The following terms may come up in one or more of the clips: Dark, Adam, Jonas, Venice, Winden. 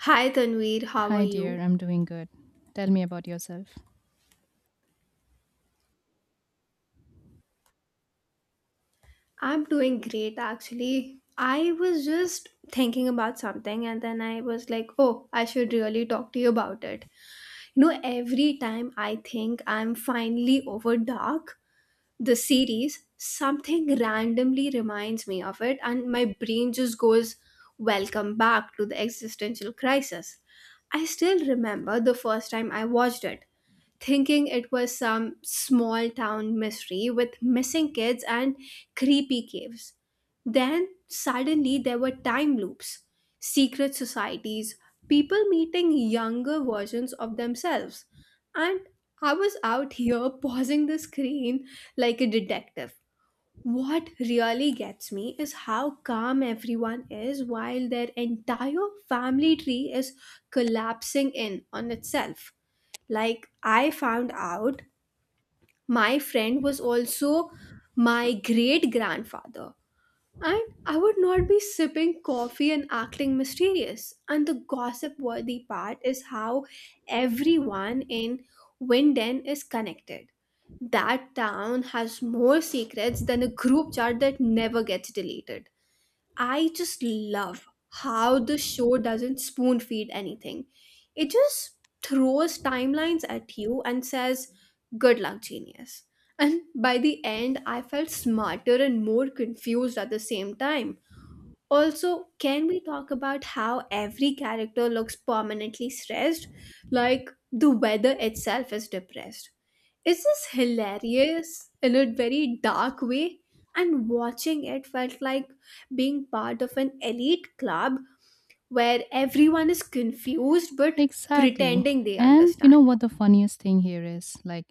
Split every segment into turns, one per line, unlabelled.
Hi Tanveer, how are
Hi, dear.
you?
I'm doing good. Tell me about yourself.
I'm doing great actually. I was just thinking about something and then I was like, oh, I should really talk to you about it. You know, every time I think I'm finally over Dark, the series, something randomly reminds me of it and my brain just goes, welcome back to the existential crisis. I still remember the first time I watched it, thinking it was some small town mystery with missing kids and creepy caves. Then suddenly there were time loops, secret societies, people meeting younger versions of themselves. And I was out here pausing the screen like a detective. What really gets me is how calm everyone is while their entire family tree is collapsing in on itself. Like, I found out my friend was also my great grandfather, and I would not be sipping coffee and acting mysterious. And the gossip worthy part is how everyone in Winden is connected. That town has more secrets than a group chat that never gets deleted. I just love how the show doesn't spoon feed anything. It just throws timelines at you and says, good luck, genius. And by the end, I felt smarter and more confused at the same time. Also, can we talk about how every character looks permanently stressed? Like the weather itself is depressed. It's just hilarious in a very dark way, and watching it felt like being part of an elite club where everyone is confused but
Exactly.
pretending they
And you know
understand.
what the funniest thing here is? Like,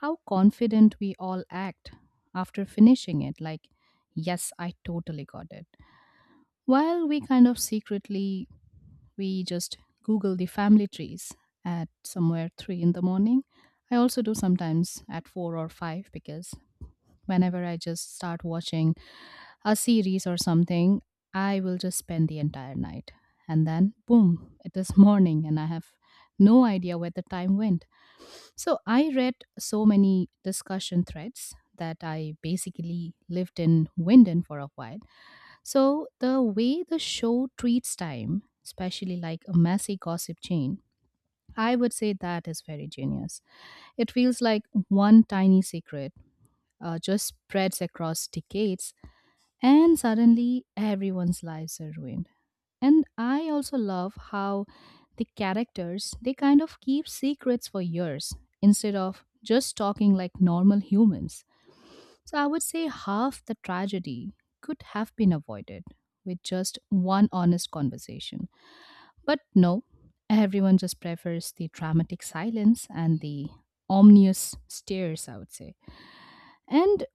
how confident we all act after finishing it. Like, yes, I totally got it. While we kind of secretly, we just Google the family trees at somewhere 3 in the morning. I also do sometimes at 4 or 5 because whenever I just start watching a series or something, I will just spend the entire night. And then, boom, it is morning, and I have no idea where the time went. So I read so many discussion threads that I basically lived in Winden for a while. So the way the show treats time, especially like a messy gossip chain, I would say that is very genius. It feels like one tiny secret just spreads across decades, and suddenly everyone's lives are ruined. And I also love how the characters they kind of keep secrets for years instead of just talking like normal humans. So I would say half the tragedy could have been avoided with just one honest conversation. But no, everyone just prefers the dramatic silence and the ominous stares, I would say. And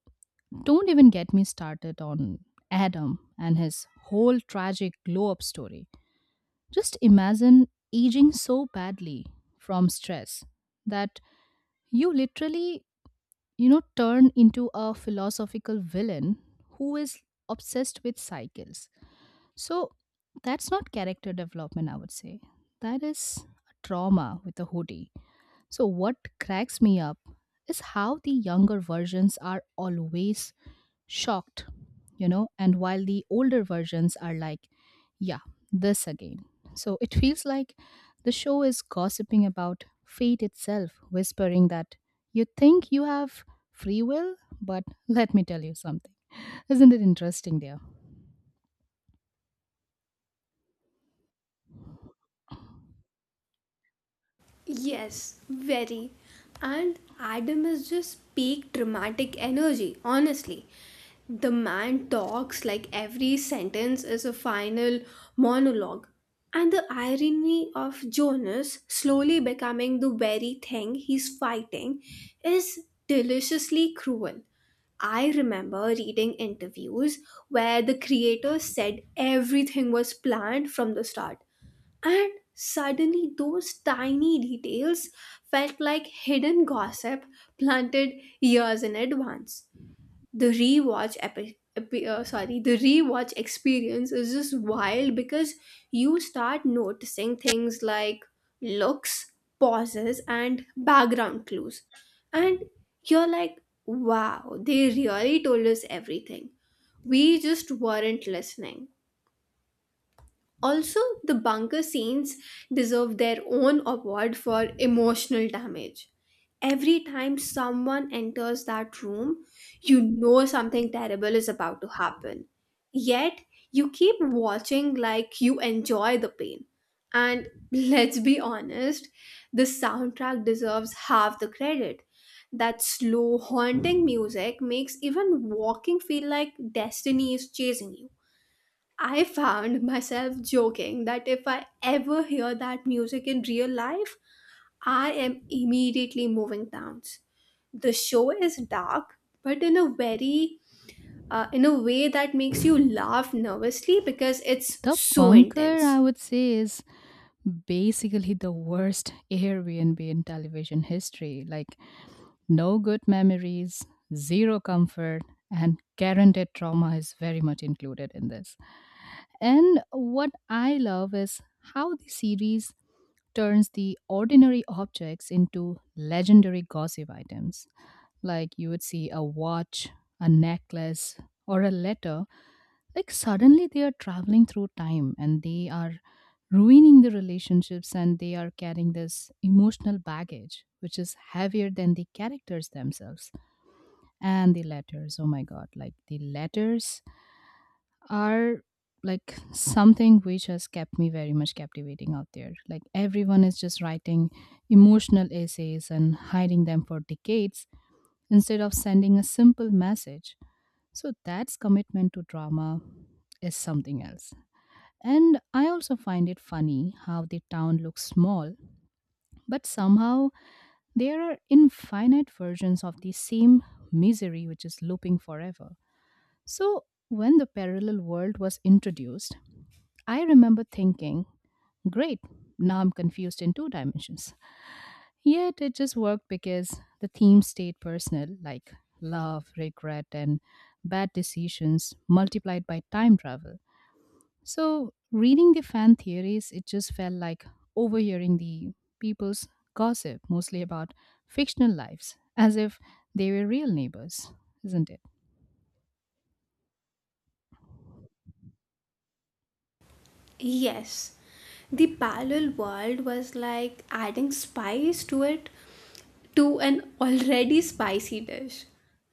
don't even get me started on Adam and his whole tragic glow up story. Just imagine aging so badly from stress that you literally, you know, turn into a philosophical villain who is obsessed with cycles. So that's not character development, I would say. That is a trauma with a hoodie. So what cracks me up is how the younger versions are always shocked, you know, and while the older versions are like, yeah, this again. So it feels like the show is gossiping about fate itself, whispering that you think you have free will, but let me tell you something. Isn't it interesting there?
Yes, very. And Adam is just peak dramatic energy, honestly. The man talks like every sentence is a final monologue. And the irony of Jonas slowly becoming the very thing he's fighting is deliciously cruel. I remember reading interviews where the creators said everything was planned from the start, and suddenly those tiny details felt like hidden gossip planted years in advance. The rewatch epi- epi- sorry, the rewatch experience is just wild because you start noticing things like looks, pauses, and background clues, and you're like, "Wow, they really told us everything. We just weren't listening." Also, the bunker scenes deserve their own award for emotional damage. Every time someone enters that room, you know something terrible is about to happen. Yet, you keep watching like you enjoy the pain. And let's be honest, the soundtrack deserves half the credit. That slow, haunting music makes even walking feel like destiny is chasing you. I found myself joking that if I ever hear that music in real life, I am immediately moving towns. The show is dark, but in a way that makes you laugh nervously because it's
The
so
bunker, I
intense.
would say, is basically the worst Airbnb in television history. Like, no good memories, zero comfort, and guaranteed trauma is very much included in this. And what I love is how the series turns the ordinary objects into legendary gossip items. Like, you would see a watch, a necklace, or a letter, like suddenly they are traveling through time and they are ruining the relationships and they are carrying this emotional baggage which is heavier than the characters themselves. And the letters, oh my god, like the letters are like something which has kept me very much captivating out there. Like everyone is just writing emotional essays and hiding them for decades instead of sending a simple message. So that's commitment to drama is something else. And I also find it funny how the town looks small, but somehow there are infinite versions of the same misery which is looping forever. So when the parallel world was introduced, I remember thinking, great, now I'm confused in two dimensions. Yet it just worked because the theme stayed personal, like love, regret, and bad decisions multiplied by time travel. So, reading the fan theories, it just felt like overhearing the people's gossip, mostly about fictional lives, as if they were real neighbors, isn't it?
Yes, the parallel world was like adding spice to it, to an already spicy dish,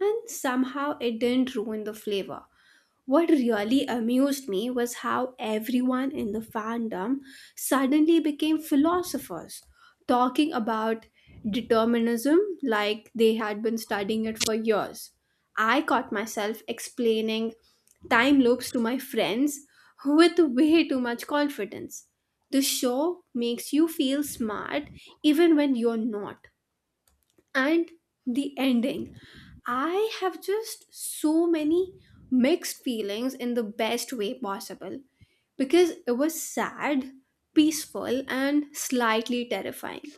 and somehow it didn't ruin the flavor. What really amused me was how everyone in the fandom suddenly became philosophers, talking about determinism like they had been studying it for years. I caught myself explaining time loops to my friends with way too much confidence. The show makes you feel smart even when you're not. And the ending, I have just so many mixed feelings in the best way possible, because it was sad, peaceful, and slightly terrifying.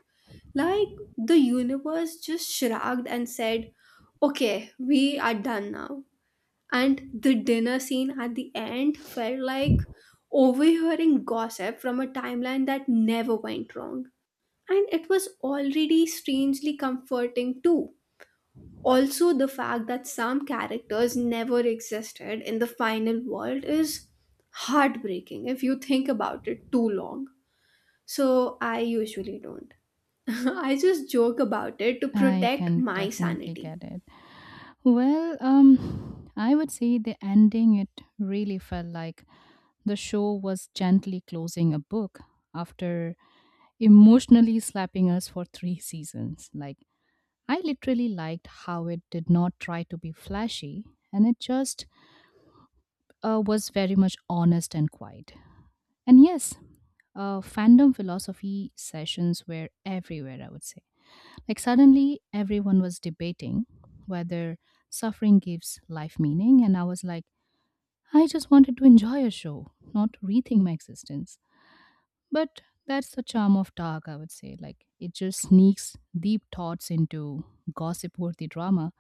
Like the universe just shrugged and said, okay, we are done now. And the dinner scene at the end felt like overhearing gossip from a timeline that never went wrong. And it was already strangely comforting too. Also, the fact that some characters never existed in the final world is heartbreaking if you think about it too long. So, I usually don't. I just joke about it to
I
protect
can
my
definitely
sanity.
get it. Well, I would say the ending, it really felt like the show was gently closing a book after emotionally slapping us for 3 seasons. Like, I literally liked how it did not try to be flashy and it just was very much honest and quiet. And yes, fandom philosophy sessions were everywhere, I would say. Like, suddenly everyone was debating whether suffering gives life meaning, and I was like, I just wanted to enjoy a show, not rethink my existence. But that's the charm of Dark, I would say. Like, it just sneaks deep thoughts into gossip worthy drama.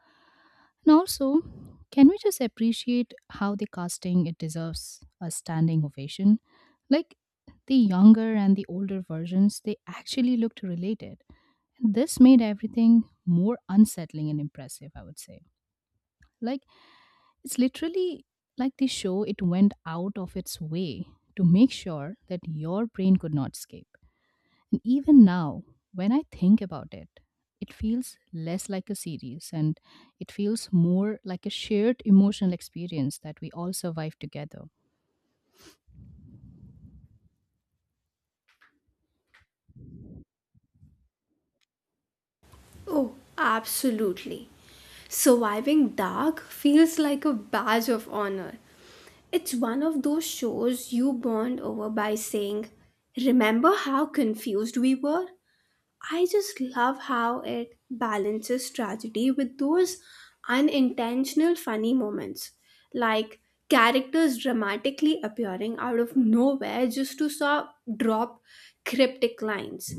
And also, can we just appreciate how the casting it deserves a standing ovation? Like, the younger and the older versions, they actually looked related. And this made everything more unsettling and impressive, I would say. Like, it's literally like the show, it went out of its way to make sure that your brain could not escape. And even now, when I think about it, it feels less like a series and it feels more like a shared emotional experience that we all survive together.
Oh, absolutely. Surviving Dark feels like a badge of honor. It's one of those shows you bond over by saying, remember how confused we were? I just love how it balances tragedy with those unintentional funny moments, like characters dramatically appearing out of nowhere just to drop cryptic lines.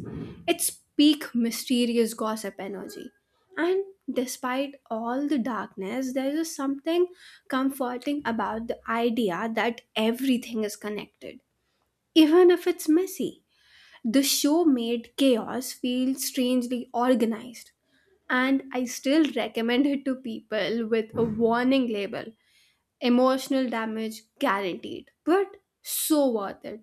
It's peak mysterious gossip energy. And despite all the darkness, there is something comforting about the idea that everything is connected, even if it's messy. The show made chaos feel strangely organized, and I still recommend it to people with a warning label: emotional damage guaranteed. But so worth it.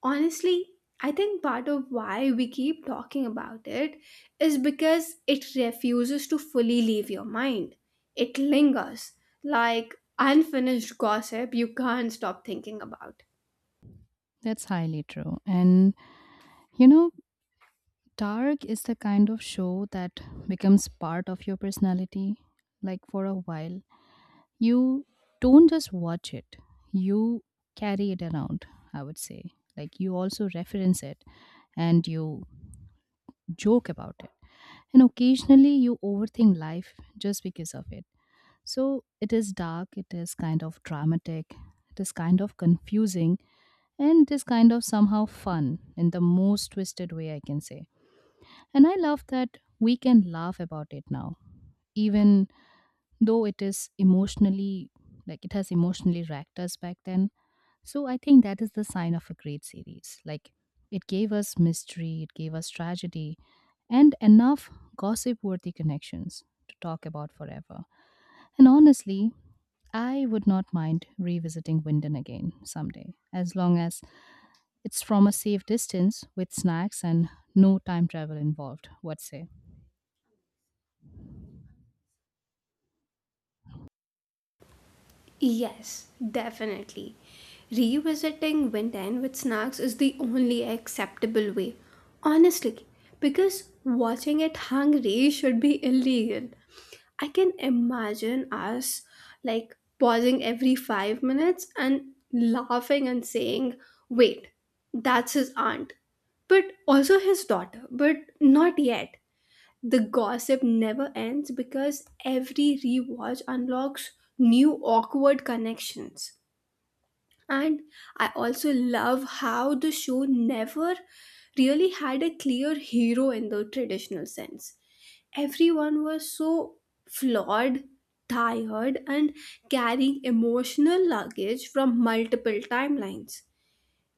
Honestly, I think part of why we keep talking about it is because it refuses to fully leave your mind. It lingers like unfinished gossip you can't stop thinking about.
That's highly true. And you know, Dark is the kind of show that becomes part of your personality. Like for a while, you don't just watch it, you carry it around, I would say. Like you also reference it and you joke about it and occasionally you overthink life just because of it. So it is dark, it is kind of dramatic, it is kind of confusing, and it is kind of somehow fun in the most twisted way I can say. And I love that we can laugh about it now, even though it is emotionally like it has emotionally racked us back then. So I think that is the sign of a great series. Like, it gave us mystery, it gave us tragedy, and enough gossip worthy connections to talk about forever. And honestly, I would not mind revisiting Winden again someday as long as it's from a safe distance with snacks and no time travel involved. What say?
Yes, definitely. Revisiting Winten with snacks is the only acceptable way. Honestly, because watching it hungry should be illegal. I can imagine us like pausing every 5 minutes and laughing and saying, wait, that's his aunt, but also his daughter, but not yet. The gossip never ends because every rewatch unlocks new awkward connections. And I also love how the show never really had a clear hero in the traditional sense. Everyone was so flawed, tired, and carrying emotional luggage from multiple timelines.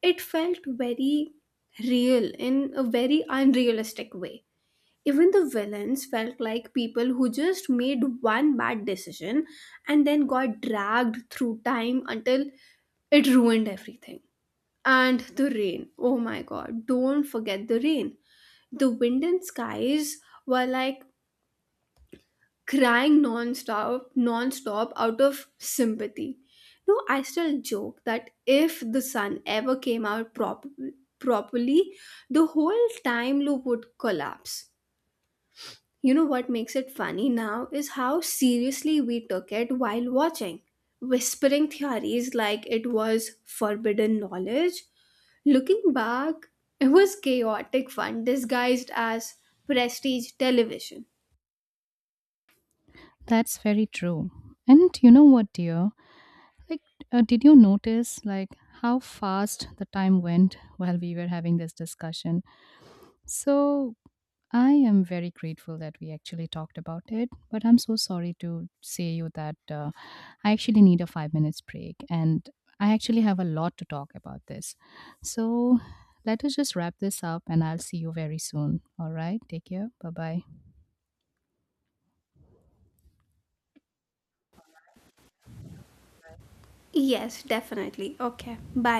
It felt very real in a very unrealistic way. Even the villains felt like people who just made one bad decision and then got dragged through time until it ruined everything. And the rain. Oh my god, don't forget the rain. The wind and skies were like crying non-stop, non-stop out of sympathy. No, I still joke that if the sun ever came out properly, the whole time loop would collapse. You know what makes it funny now is how seriously we took it while watching, whispering theories like it was forbidden knowledge. Looking back, it was chaotic fun disguised as prestige television.
That's very true. And you know what, dear, like, did you notice like how fast the time went while we were having this discussion? So I am very grateful that we actually talked about it, but I'm so sorry to say you that I actually need a 5 minutes break, and I actually have a lot to talk about this. So let us just wrap this up, and I'll see you very soon. All right, take care. Bye bye.
Yes, definitely. Okay, bye.